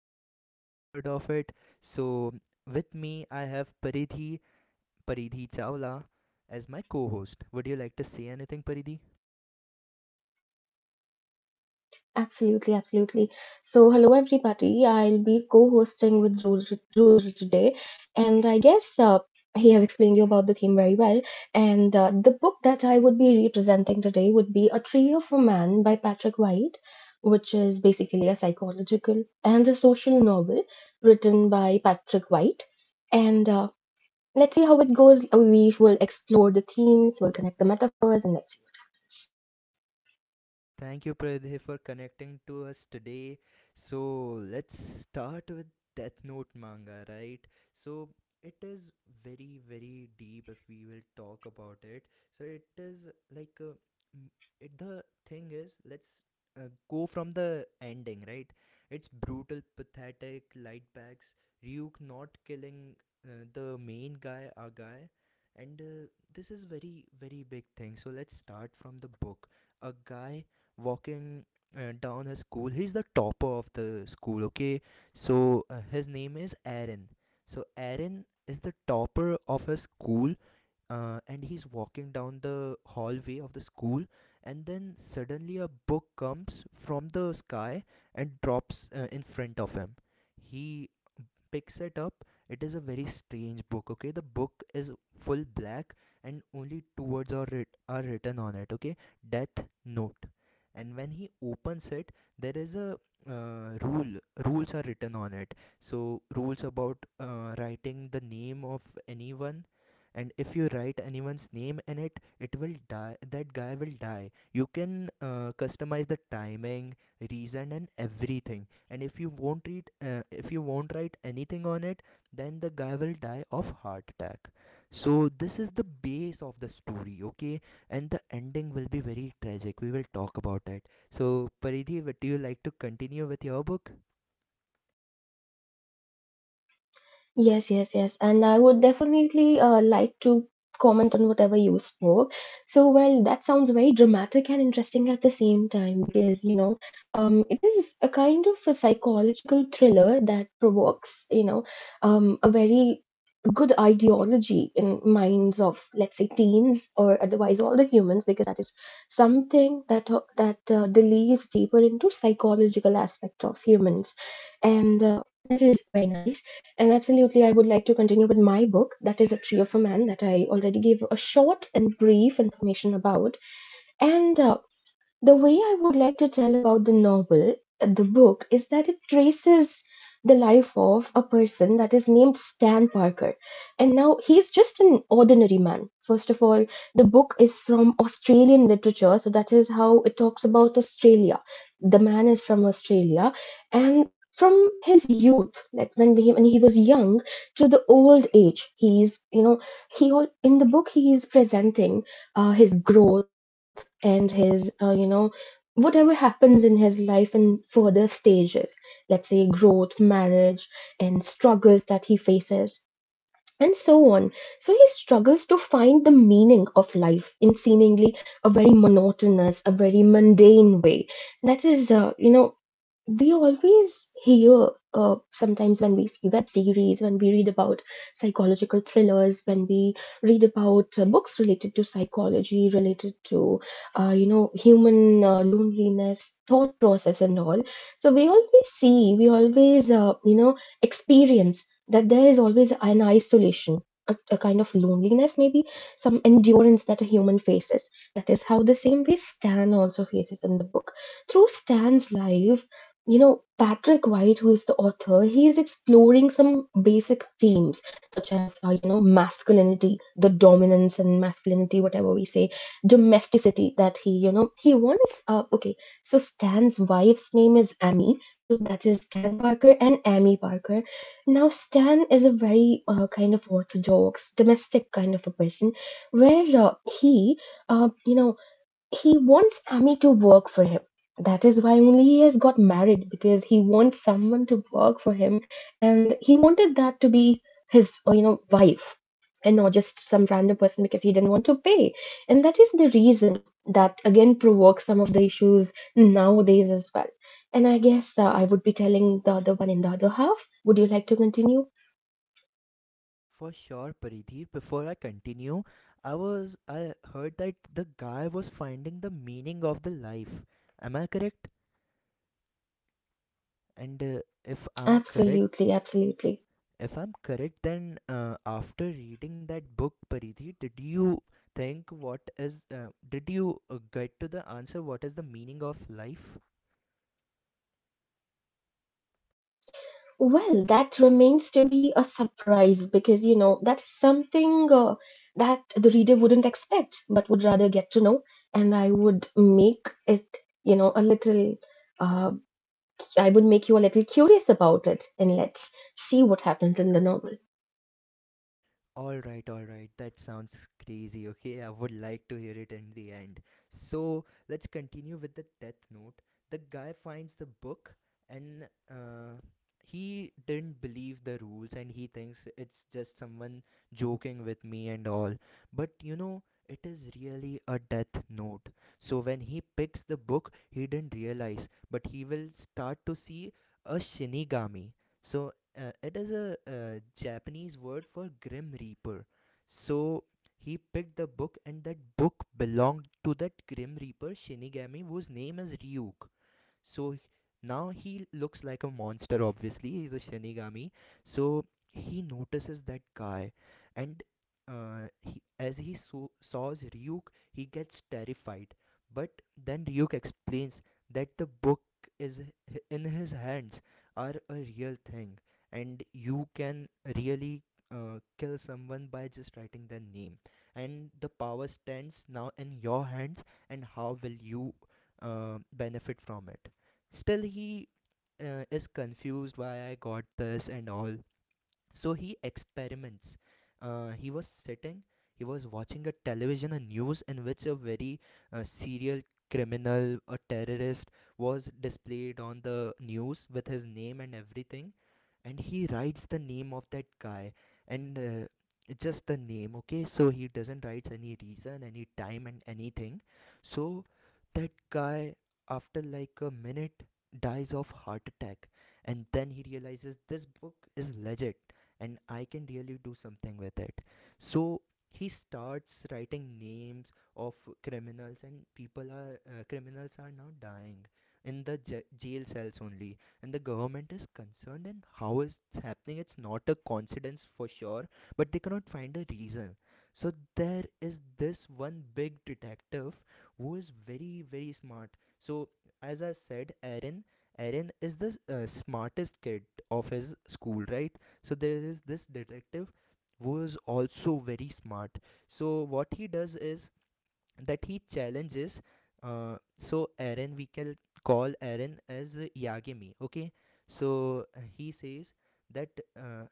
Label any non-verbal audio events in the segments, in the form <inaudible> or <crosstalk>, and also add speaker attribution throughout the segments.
Speaker 1: You must have been heard of it. So, with me, I have Paridhi Chawla as my co host. Would you like to say anything, Paridhi?
Speaker 2: Absolutely, absolutely. So, hello everybody. I'll be co-hosting with Rudra today, and I guess he has explained you about the theme very well. And the book that I would be representing today would be A Trio for Man by Patrick White, which is basically a psychological and a social novel written by Patrick White. And let's see how it goes. We will explore the themes, we'll connect the metaphors, and let's see.
Speaker 1: Thank you, Pradhe, for connecting to us today. So, let's start with Death Note manga, right? So, it is very, very deep if we will talk about it. So, it is like m- the thing is, let's go from the ending, right? It's brutal, pathetic, light bags, Ryuk not killing the main guy, our guy. And this is very, very big thing. So, let's start from the book. A guy walking down his school. He's the topper of the school, okay? So his name is Aaron. So Aaron is the topper of his school and he's walking down the hallway of the school and then suddenly a book comes from the sky and drops in front of him. He picks it up. It is a very strange book, okay? The book is full black and only two words are written on it, okay. Death note. And when he opens it, there is a rule, rules are written on it. So rules about writing the name of anyone, and if you write anyone's name in it, it will die, that guy will die. You can customize the timing, reason and everything, and if you won't read if you won't write anything on it, then the guy will die of heart attack. So this is the base of the story, okay? And the ending will be very tragic. We will talk about it. So, Paridhi, would you like to continue with your book?
Speaker 2: Yes, yes, yes. And I would definitely like to comment on whatever you spoke. So, well, that sounds very dramatic and interesting at the same time because, you know, it is a kind of a psychological thriller that provokes, you know, a very good ideology in minds of, let's say, teens or otherwise all the humans because that is something that delves deeper into psychological aspect of humans, and that is very nice. And absolutely, I would like to continue with my book, that is A Tree of a Man, that I already gave a short and brief information about. And the way I would like to tell about the novel, the book, is that it traces the life of a person that is named Stan Parker. And now he's just an ordinary man. First of all, the book is from Australian literature, so that is how it talks about Australia. The man is from Australia. And from his youth, like when he was young, to the old age, he's, you know, he all, in the book, he is presenting his growth and his, you know, whatever happens in his life in further stages, let's say growth, marriage, and struggles that he faces, and so on. So he struggles to find the meaning of life in seemingly a very monotonous, a very mundane way. That is, you know, we always hear sometimes when we see web series, when we read about psychological thrillers, when we read about books related to psychology, related to, you know, human loneliness, thought process, and all. So we always see, we always, you know, experience that there is always an isolation, a kind of loneliness, maybe some endurance that a human faces. That is how the same way Stan also faces in the book. Through Stan's life, you know, Patrick White, who is the author, he is exploring some basic themes such as, you know, masculinity, the dominance and masculinity, whatever we say, domesticity that he, you know, he wants. Okay, so Stan's wife's name is Amy. So that is Stan Parker and Amy Parker now, Stan is a very kind of orthodox, domestic kind of a person, where he, you know, he wants Sammy to work for him. That is why only he has got married because he wants someone to work for him, and he wanted that to be his, you know, wife and not just some random person because he didn't want to pay. And that is the reason that again provokes some of the issues nowadays as well. And I guess I would be telling the other one in the other half. Would you like to continue?
Speaker 1: For sure, Paridhi, before I continue, I heard that the guy was finding the meaning of the life, am I correct? And if I'm correct.
Speaker 2: Absolutely, absolutely.
Speaker 1: If I'm correct, then after reading that book, Paridhi, did you get to the answer what is the meaning of life?
Speaker 2: Well, that remains to be a surprise because, you know, that is something that the reader wouldn't expect, but would rather get to know. And I would make it, you know, a little, uh, I would make you a little curious about it, and let's see what happens in the novel.
Speaker 1: All right, all right. That sounds crazy. Okay, I would like to hear it in the end. So let's continue with the Death Note. The guy finds the book and he didn't believe the rules and he thinks it's just someone joking with me and all. But it is really a Death Note. So when he picks the book, he didn't realize, but he will start to see a Shinigami. So it is a Japanese word for Grim Reaper. So he picked the book, and that book belonged to that Grim Reaper Shinigami, whose name is Ryuk. So now he looks like a monster, obviously. He's a Shinigami. So he notices that guy, and he, as he saws Ryuk, he gets terrified. But then Ryuk explains that the book is in his hands are a real thing, and you can really kill someone by just writing their name. And the power stands now in your hands, and how will you benefit from it? Still, he is confused why I got this and all. So he experiments. uh, he was sitting he was watching a television, a news, in which a very serial criminal, a terrorist, was displayed on the news with his name and everything, and he writes the name of that guy, and just the name, okay, so he doesn't write any reason, any time and anything. So that guy, after like a minute, dies of heart attack, and then he realizes this book is legit and I can really do something with it. So he starts writing names of criminals, and people are criminals are now dying in the jail cells only, and the government is concerned and how is it's happening, it's not a coincidence for sure, but they cannot find a reason. So there is this one big detective who is very, very smart. So as I said, Aaron, is the smartest kid of his school, right? So there is this detective who is also very smart. So what he does is that he challenges. So Aaron, we can call Aaron as Yagami. Okay, so he says that, uh,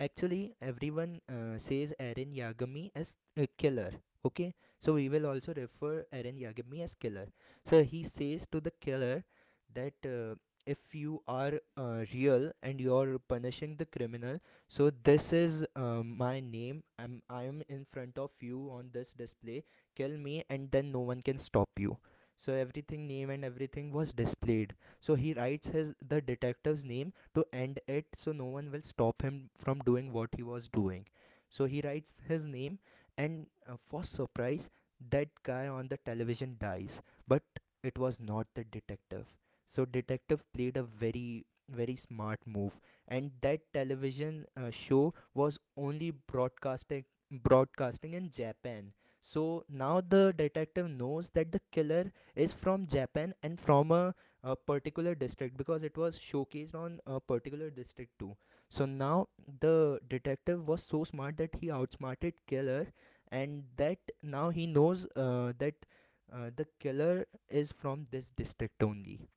Speaker 1: actually everyone says Aaron Yagami as a killer. Okay, so we will also refer Aaron Yagami as killer. So he says to the killer that. If you are real and you're punishing the criminal, so this is my name, I am in front of you on this display, kill me, and then no one can stop you. So everything, name and everything, was displayed. So he writes his the detective's name to end it so no one will stop him from doing what he was doing. So he writes his name, and for surprise, that guy on the television dies. But it was not the detective. So detective played a very, very smart move, and that television show was only broadcasting in Japan. So now the detective knows that the killer is from Japan and from a particular district, because it was showcased on a particular district too. So now the detective was so smart that he outsmarted killer, and that now he knows that, the killer is from this district only.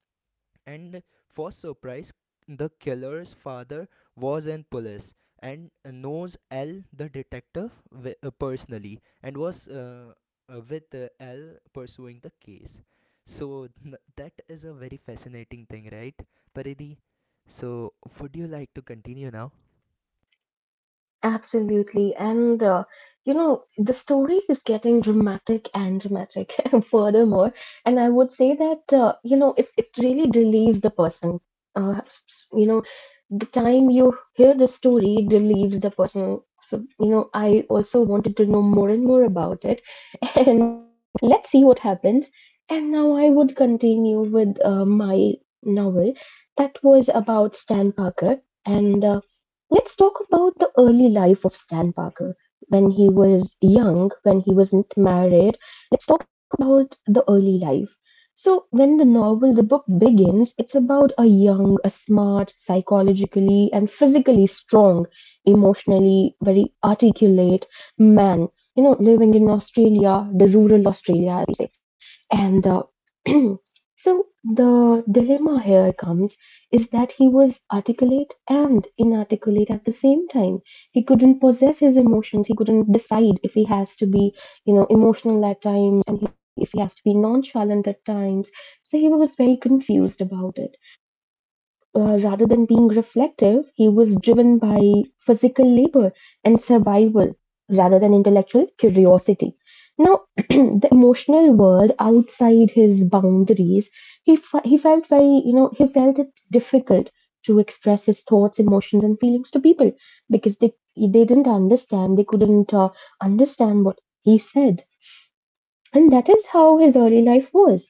Speaker 1: And for surprise, the killer's father was in police and knows L the detective personally and was with L pursuing the case. So that is a very fascinating thing, right, Paridhi? So would you like to continue now?
Speaker 2: Absolutely. And, you know, the story is getting dramatic and dramatic <laughs> furthermore. And I would say that, you know, it really relieves the person. You know, the time you hear the story it relieves the person. So, you know, I also wanted to know more and more about it. <laughs> And let's see what happens. And now I would continue with my novel that was about Stan Parker. And let's talk about the early life of Stan Parker when he was young, when he wasn't married. Let's talk about the early life. So, when the novel, the book begins, it's about a young, a smart, psychologically and physically strong, emotionally very articulate man, you know, living in Australia, the rural Australia, as we say and <clears throat> so the dilemma here comes is that he was articulate and inarticulate at the same time. He couldn't possess his emotions. He couldn't decide if he has to be, you know, emotional at times and he, if he has to be nonchalant at times. So he was very confused about it rather than being reflective, he was driven by physical labor and survival rather than intellectual curiosity. Now, <clears throat> the emotional world outside his boundaries, he felt very, you know, he felt it difficult to express his thoughts, emotions, and feelings to people because they didn't understand, they couldn't understand what he said. And that is how his early life was.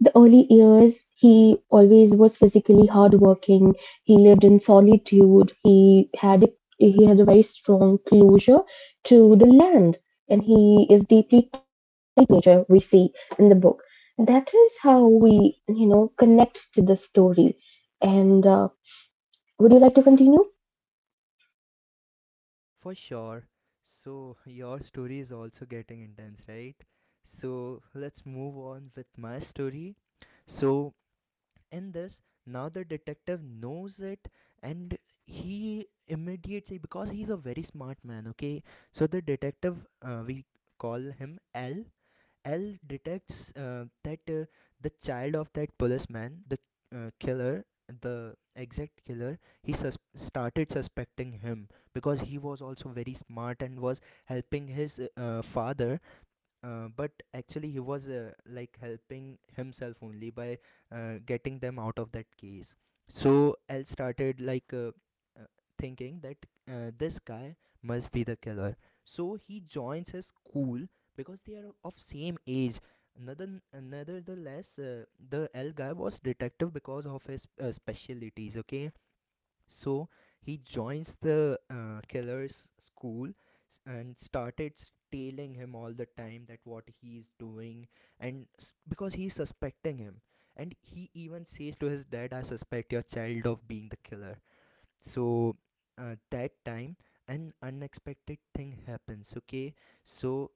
Speaker 2: The early years he always was physically hardworking. He lived in solitude. He had a very strong closure to the land, and he is deeply connected to nature. We see in the book. That is how we you know connect to the story. And would you like to continue?
Speaker 1: For sure. So your story is also getting intense, right? So let's move on with my story. So in this, now the detective knows it, and he immediately, because he's a very smart man, okay, so the detective, we call him L. L detects that, the child of that policeman, the killer, the exact killer, he started suspecting him, because he was also very smart and was helping his father, but actually he was like helping himself only by getting them out of that case. So L started like uh, thinking that, this guy must be the killer. So he joins his school because they are of same age. Another, nevertheless, the L guy was detective because of his specialities. Okay, so he joins the killer's school, and started tailing him all the time that what he's doing, and because he's suspecting him. And he even says to his dad, I suspect your child of being the killer. So that time, an unexpected thing happens, okay? So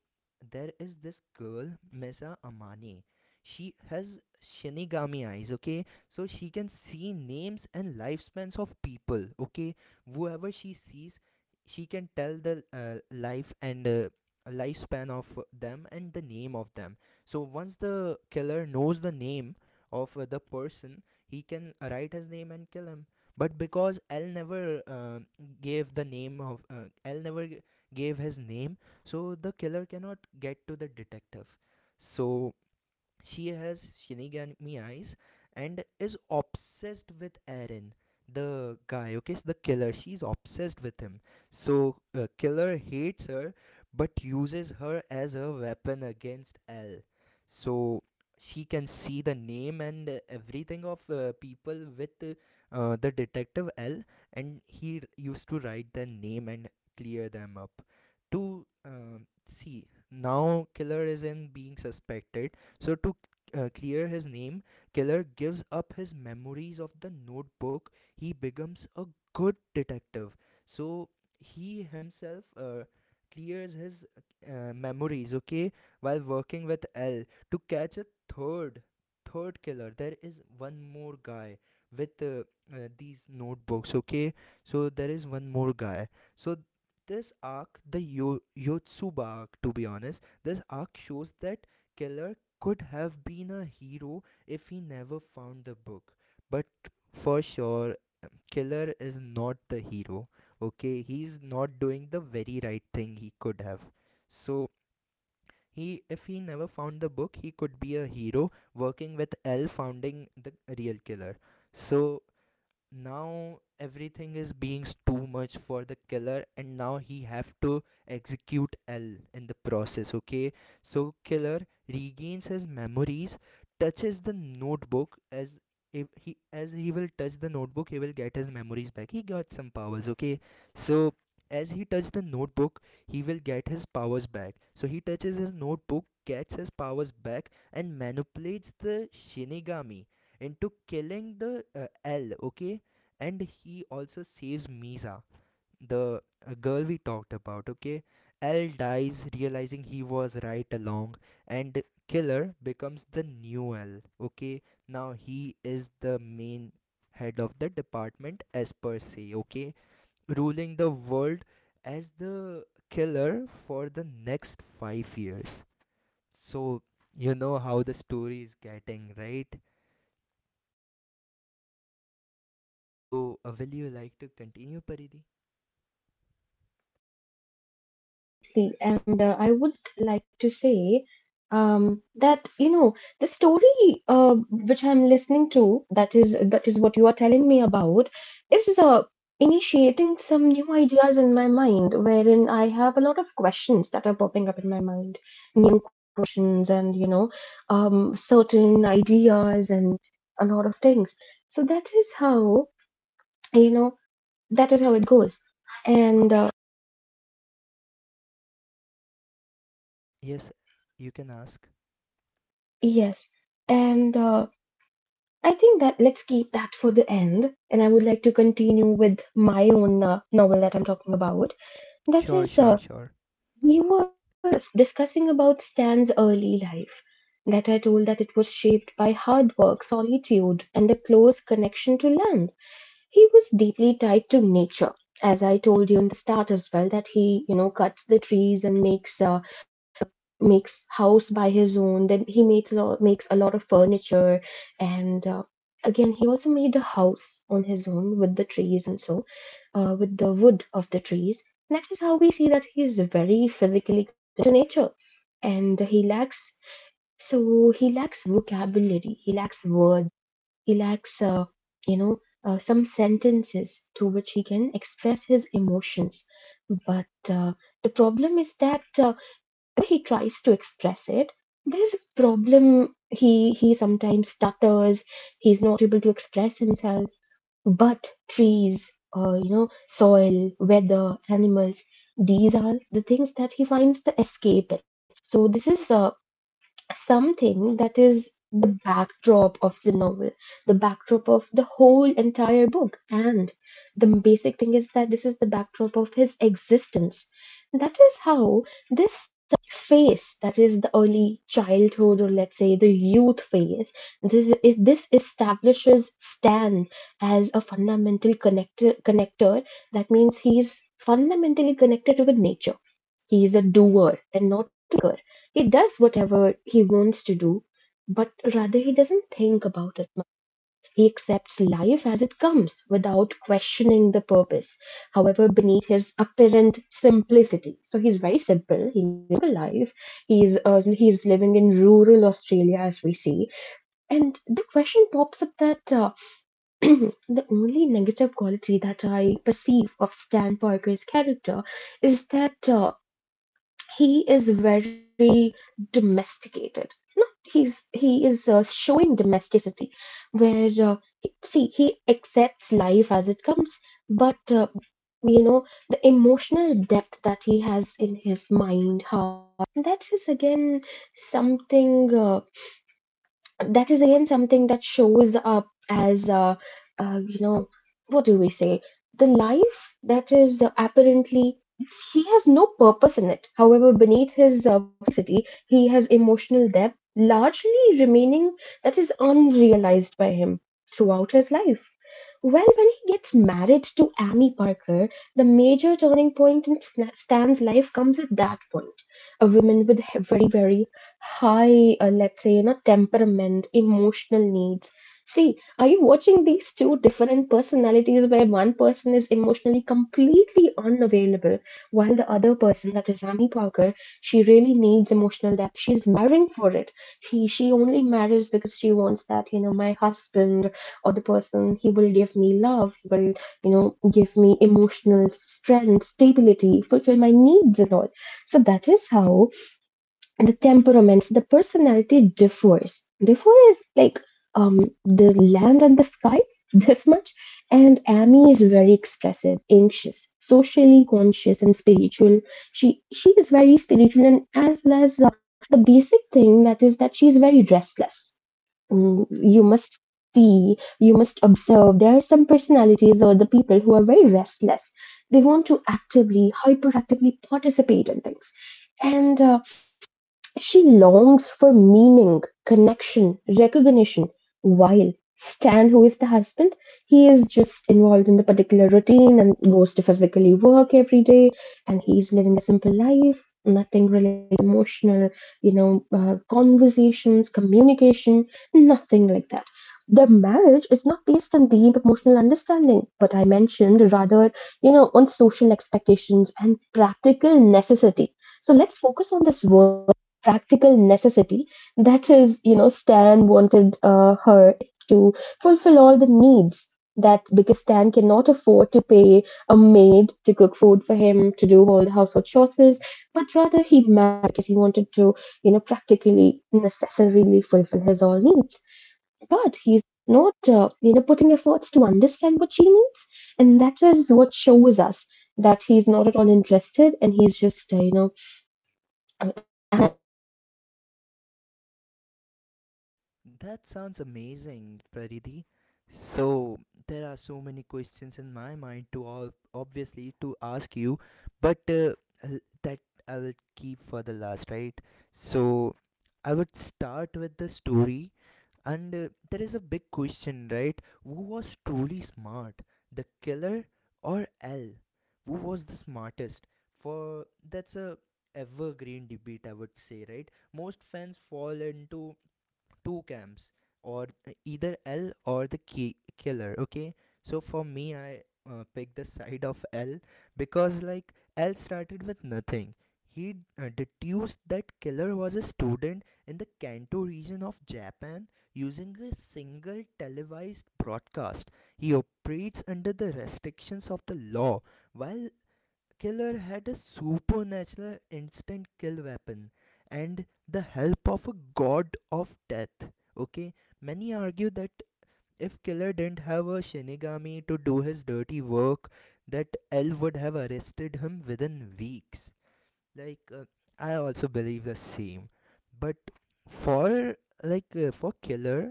Speaker 1: there is this girl Mesa Amani. She has Shinigami eyes, okay? So she can see names and lifespans of people, okay? Whoever she sees, she can tell the life and lifespan of them and the name of them. So once the killer knows the name of the person, he can write his name and kill him. But because L never gave the name of, L never gave his name, so the killer cannot get to the detective. So she has Shinigami eyes and is obsessed with Eren, the guy, okay, the killer. She's obsessed with him. So, killer hates her but uses her as a weapon against L. So, she can see the name and everything of people with the detective L, and he used to write their name and clear them up. To see, now killer is in being suspected, so, to clear his name, Killer gives up his memories of the notebook. He becomes a good detective. So, he himself clears his memories, okay, while working with L to catch a third. Third killer, there is one more guy with these notebooks, okay? So there is one more guy. So this arc, the Yotsuba arc, to be honest, this arc shows that killer could have been a hero if he never found the book. But for sure, Killer is not the hero. Okay, he's not doing the very right thing he could have. So he if he never found the book, he could be a hero working with L founding the real killer. So now everything is being too much for the killer, and now he have to execute L in the process. Okay, so killer regains his memories, touches the notebook. As if he as he will touch the notebook he will get his memories back, he got some powers. Okay, so as he touches the notebook he will get his powers back. So he touches his notebook, gets his powers back, and manipulates the shinigami into killing the L, okay? And he also saves Misa, the girl we talked about. Okay, L dies realizing he was right along, and Killer becomes the new L. Okay, now he is the main head of the department as per se. Okay, ruling the world as the killer for the next 5 years. So you know how the story is getting, right? So will you like to continue, Paridi? Yes, you can ask. Sure, sure, sure. That sounds amazing, Praditi. So there are so many questions in my mind to all obviously to ask you, but that I'll keep for the last, right? So I would start with the story, and there is a big question, right? Who was truly smart, the killer or L? Who was the smartest? For that's a evergreen debate, I would say, right? Most fans fall into two camps or either L or the killer. Okay, so for me, I picked the side of L, because like L started with nothing. He deduced that killer was a student in the Kanto region of Japan using a single televised broadcast. He operates under the restrictions of the law, while killer had a supernatural instant kill weapon and the help of a god of death. Okay, many argue that if killer didn't have a shinigami to do his dirty work, that L would have arrested him within weeks. like uh, I also believe the same, but for for killer,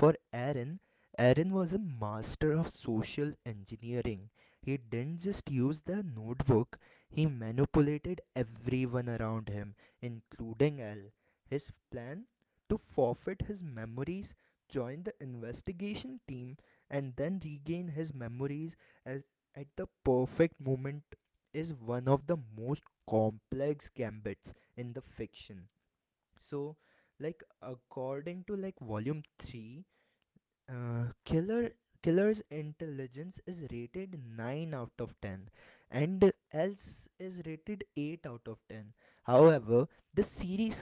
Speaker 1: for Aaron, Aaron was a master of social engineering. He didn't just use the notebook, he manipulated everyone around him, including Al. His plan to forfeit his memories, join the investigation team, and then regain his memories as at the perfect moment is one of the most complex gambits in the fiction. So, like according to like volume 3, Killer Killer's intelligence is rated 9 out of 10, and Else is rated 8 out of 10. However, the series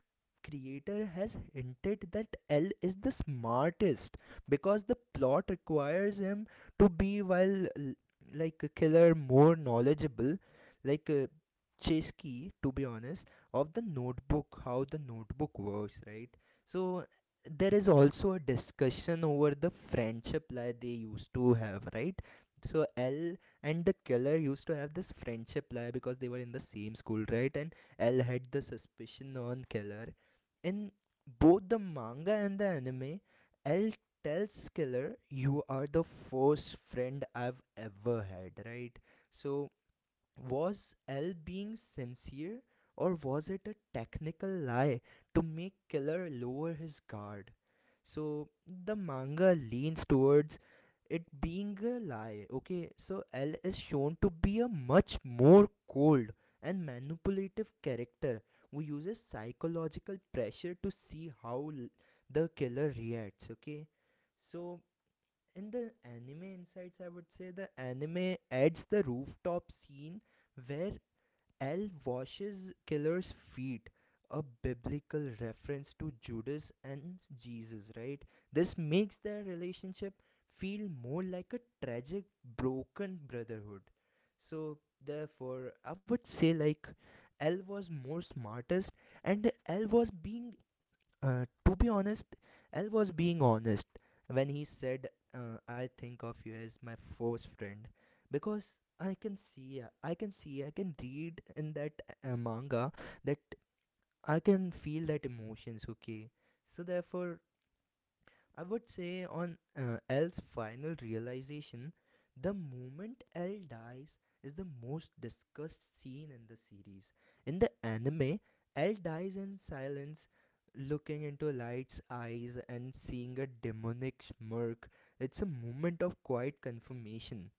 Speaker 1: creator has hinted that L is the smartest because the plot requires him to be, while like a killer more knowledgeable, like uh, Chesky to be honest, of the notebook, how the notebook works, right? So there is also a discussion over the friendship lie they used to have, right? So L and the killer used to have this friendship lie because they were in the same school, right? And L had the suspicion on killer. In both the manga and the anime, L tells killer, "You are the first friend I've ever had," right? So was L being sincere or was it a technical lie to make Killer lower his guard? So the manga leans towards it being a lie. Okay, so L is shown to be a much more cold and manipulative character who uses psychological pressure to see how the killer reacts. Okay, so in the anime insights, I would say the anime adds the rooftop scene where L washes killer's feet, a biblical reference to Judas and Jesus, right? This makes their relationship feel more like a tragic broken brotherhood. So therefore I would say like L was more smartest, and L was being to be honest, L was being honest when he said, "I think of you as my first friend," because I can read in that manga that I can feel that emotions. Okay, so therefore, I would say on L's final realization, the moment L dies is the most discussed scene in the series. In the anime, L dies in silence, looking into Light's eyes and seeing a demonic smirk. It's a moment of quiet confirmation.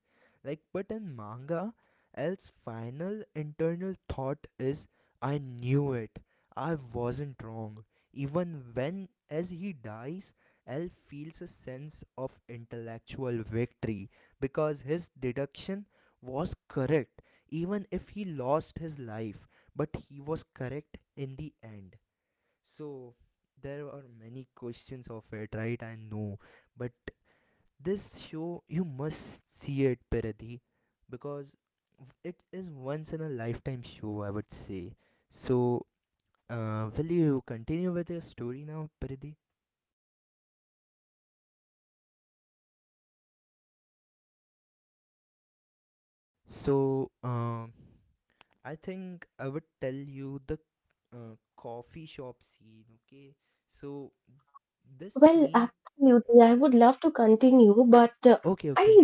Speaker 1: Like, but in manga, L's final internal thought is, I knew it. I wasn't wrong. Even when, as he dies, Alf feels a sense of intellectual victory because his deduction was correct, even if he lost his life, but he was correct in the end. So, there are many questions of it, right? I know, but this show you must see it, Paradi, because it is once in a lifetime show, I would say. So, will you continue with your story now, Paradi? So, I think I would tell you the coffee shop scene, okay? So, this scene, okay, okay.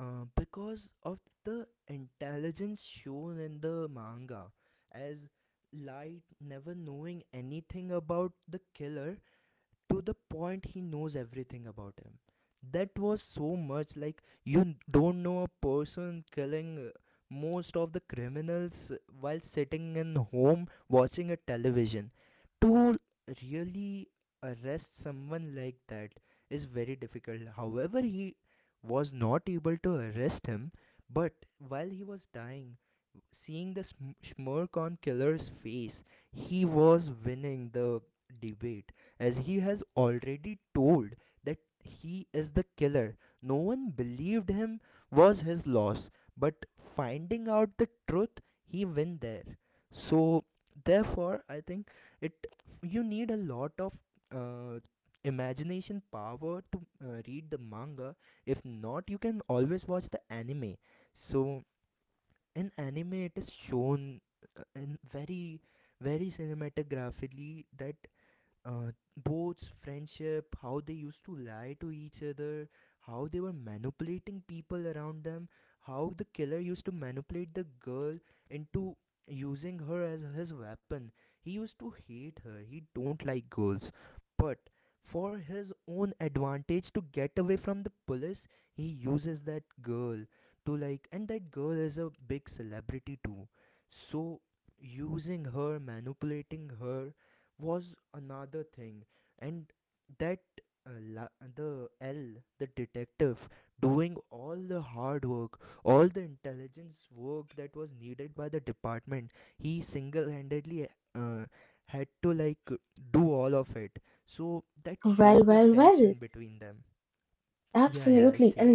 Speaker 1: Because of the intelligence shown in the manga, as Light never knowing anything about the killer, to the point he knows everything about him. That was so much like you don't know a person killing most of the criminals while sitting in home watching a television. To really arrest someone like that is very difficult. However, he was not able to arrest him, but while he was dying, seeing the smirk on Killer's face, he was winning the debate, as he has already told that he is the killer. No one believed him was his loss, but finding out the truth, he win there. So therefore, I think it you need a lot of uh, imagination power to read the manga. If not, you can always watch the anime. So in anime it is shown in very very cinematographically that uh, boats, friendship, how they used to lie to each other, how they were manipulating people around them, how the killer used to manipulate the girl into using her as his weapon. He used to hate her. He don't like girls, but for his own advantage to get away from the police, he uses that girl to like, and that girl is a big celebrity too. So using her, manipulating her was another thing, and that the l the detective doing all the hard work, all the intelligence work that was needed by the department, he single-handedly uh, had to like do all of it. So that shows the tension between them. Yeah, yeah, actually.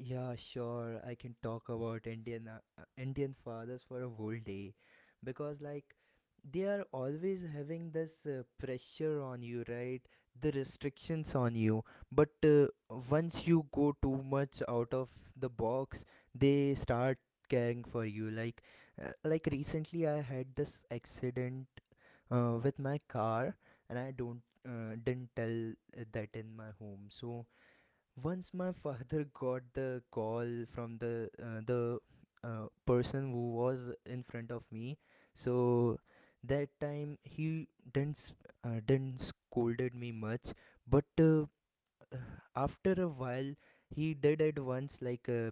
Speaker 1: Yeah, sure. I can talk about Indian Indian fathers for a whole day because like they are always having this pressure on you, right? The restrictions on you. But once you go too much out of the box, they start caring for you. Like recently I had this accident with my car, and I don't didn't tell that in my home. So once my father got the call from the person who was in front of me, so that time he didn't scolded me much, but after a while he did it once.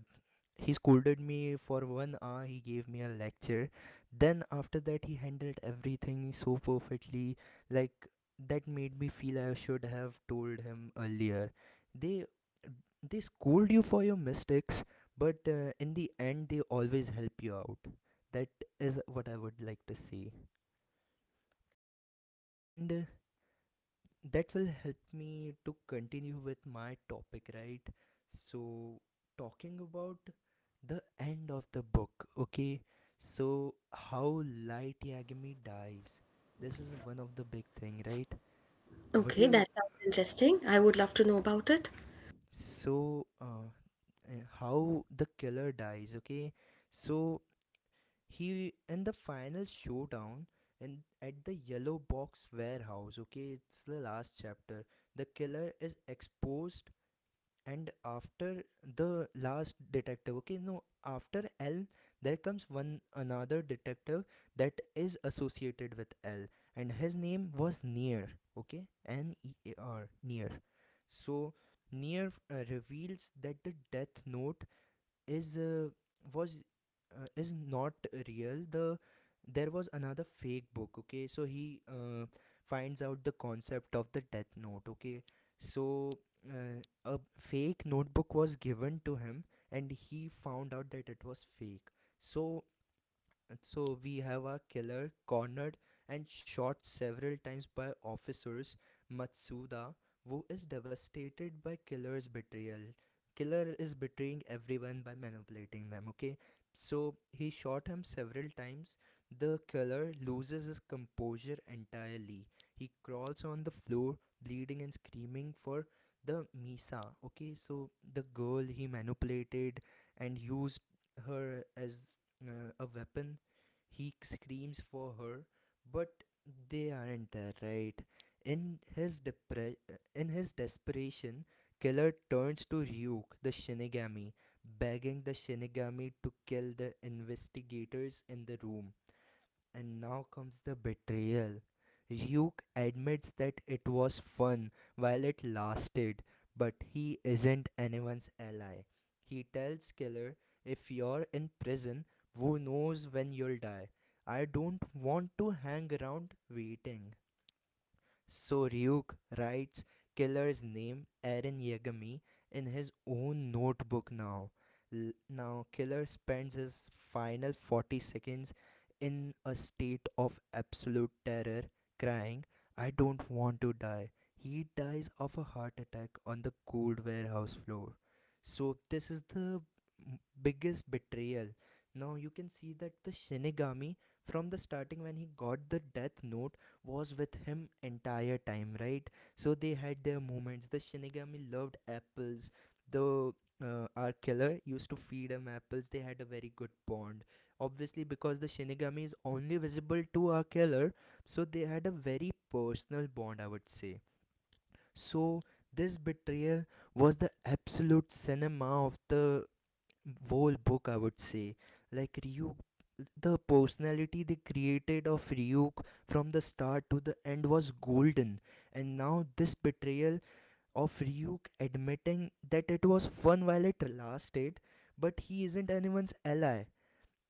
Speaker 1: He scolded me for 1 hour, he gave me a lecture. Then after that he handled everything so perfectly, like that made me feel I should have told him earlier. they they scold you for your mistakes, but in the end, they always help you out. That is what I would like to say. And that will help me to continue with my topic, right? So, talking about the end of the book, okay? So, how Light Yagami dies. This is one of the big thing, right? What you so uh, how the killer dies, okay? So he in the final showdown and at the yellow box warehouse, okay, it's the last chapter. The killer is exposed, and after the last detective, okay, no, after L, there comes one another detective that is associated with L, and his name was Near. Okay, n e a r near. So Near reveals that the death note is uh, was is not real. There was another fake book, okay? So he finds out the concept of the death note, okay? So, uh, a fake notebook was given to him, and he found out that it was fake. So, so we have our killer cornered and shot several times by officers. Matsuda, who is devastated by killer's betrayal. Killer is betraying everyone by manipulating them, okay? So he shot him several times. The killer loses his composure entirely. He crawls on the floor, bleeding and screaming for the Misa, okay? So the girl he manipulated and used her as a weapon, he screams for her, but they aren't there, right? In his depre- in his desperation, Killer turns to Ryuk, the Shinigami, begging the Shinigami to kill the investigators in the room. And now comes the betrayal. Ryuk admits that it was fun while it lasted, but he isn't anyone's ally. He tells Killer, "If you're in prison, who knows when you'll die? I don't want to hang around waiting." So Ryuk writes killer's name, Eren Yagami, in his own notebook now. Now killer spends his final 40 seconds in a state of absolute terror, crying, "I don't want to die." He dies of a heart attack on the cold warehouse floor. So this is the biggest betrayal. Now you can see that the Shinigami from the starting when he got the death note was with him entire time, right? So they had their moments. The shinigami loved apples. The Our killer used to feed him apples, they had a very good bond, obviously because the shinigami is only visible to our killer. So they had a very personal bond, I would say. So this betrayal was the absolute cinema of the whole book, I would say. Like Ryuk, the personality they created of Ryuk from the start to the end was golden, and now this betrayal of Ryuk admitting that it was fun while it lasted but he isn't anyone's ally,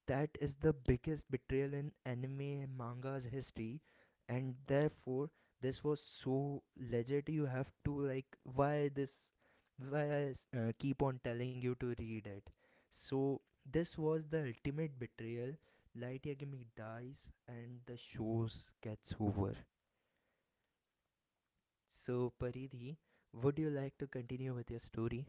Speaker 1: that is the biggest betrayal in anime and manga's history, and therefore this was so legit. You have to like why this, why I keep on telling you to read it. So this was the ultimate betrayal. Light Yagami dies, and the shows gets over. So Paridhi, would you like to continue with your story?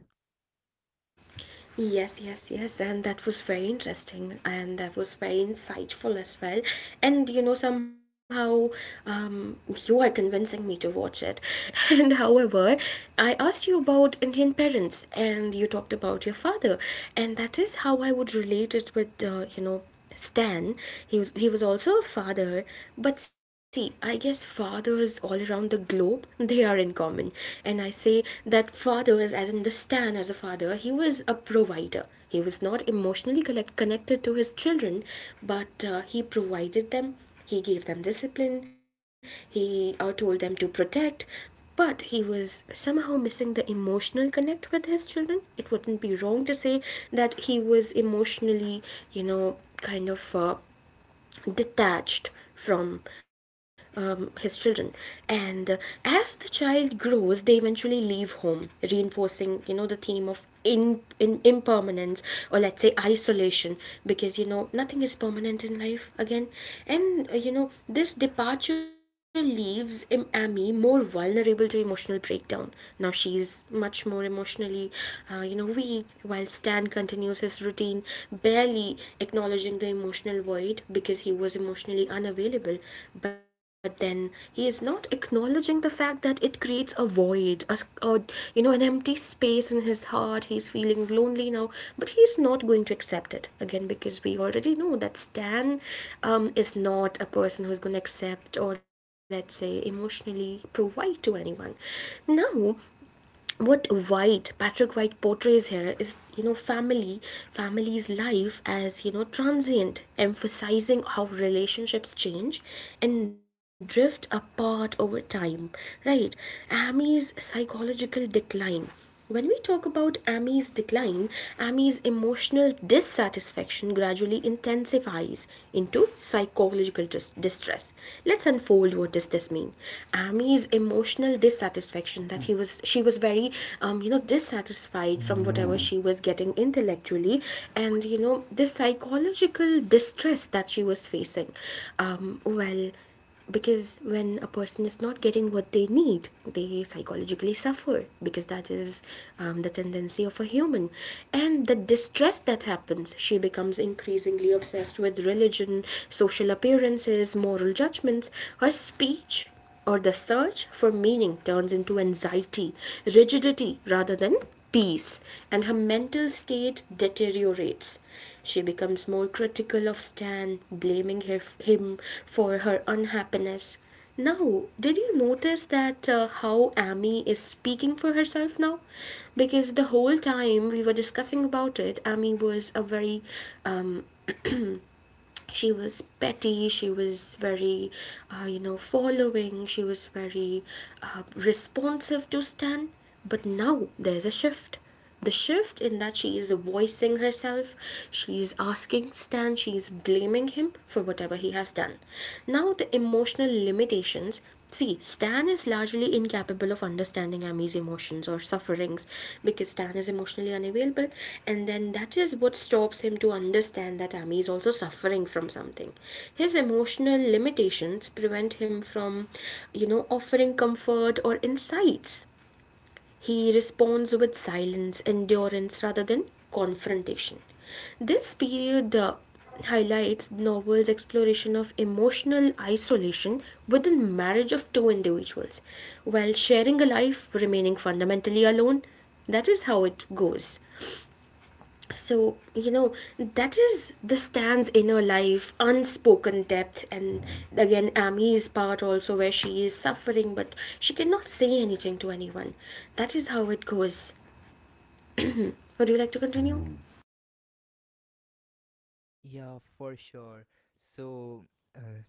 Speaker 1: Yeah, for sure. So, uh,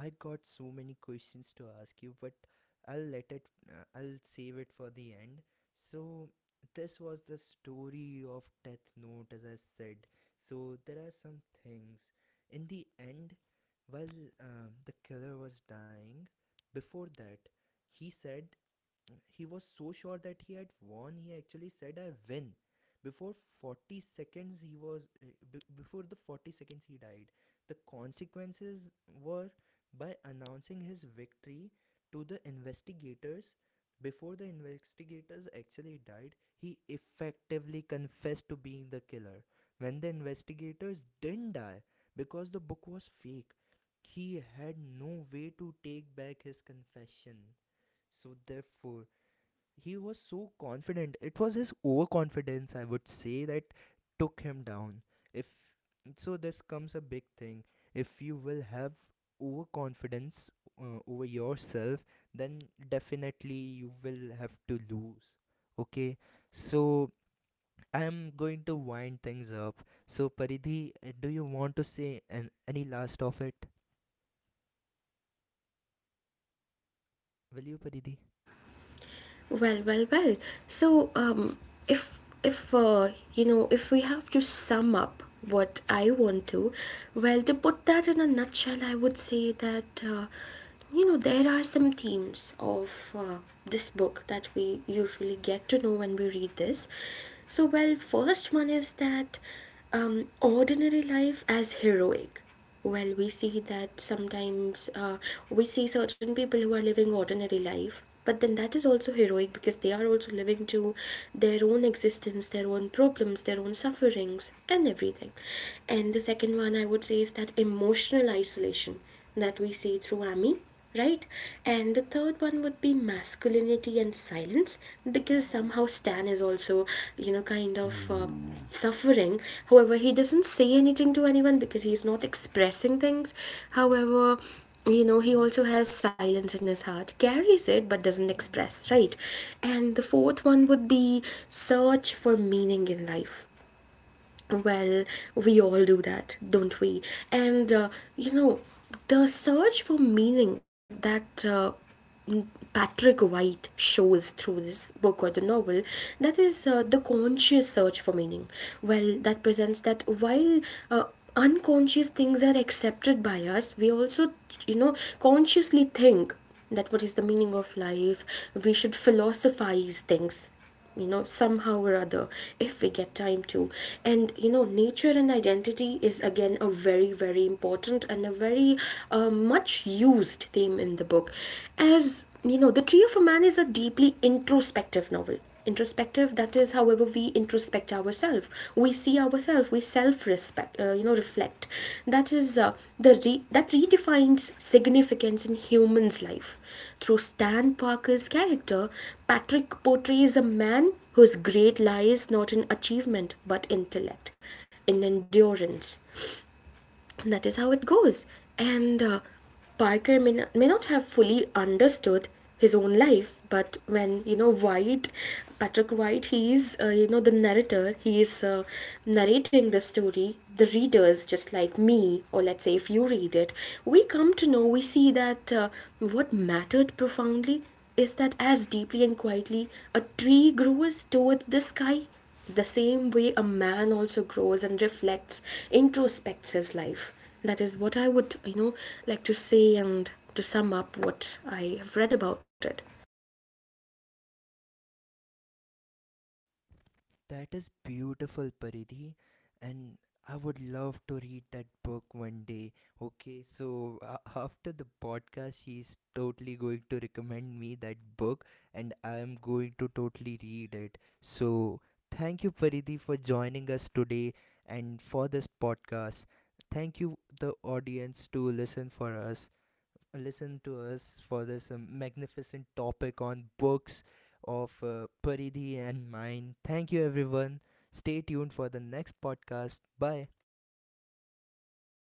Speaker 1: I got so many questions to ask you, but I'll save it for the end. So, this was the story of Death Note, as I said. So, there are some things. In the end, while the killer was dying, before that, he said he was so sure that he had won, he actually said, I win. Before 40 seconds, he before the 40 seconds he died, the consequences were by announcing his victory to the investigators before the investigators actually died, he effectively confessed to being the killer. When the investigators didn't die because the book was fake, he had no way to take back his confession. So therefore, he was so confident. It was his overconfidence, I would say, that took him down. If so, this comes a big thing. If you will have overconfidence over yourself, then definitely you will have to lose. Okay, so I am going to wind things up. So Paridhi, do you want to say an, any last of it? Will you, Paridhi? That is beautiful, Paridhi. And I would love to read that book one day. Okay, so after the podcast, she's totally going to recommend me that book, and I am going to totally read it. So thank you, Paridhi, for joining us today and for this podcast. Thank you, the audience, to listen to us for this magnificent topic on books of Paridhi and mine. Thank you, everyone. Stay tuned for the next podcast. Bye.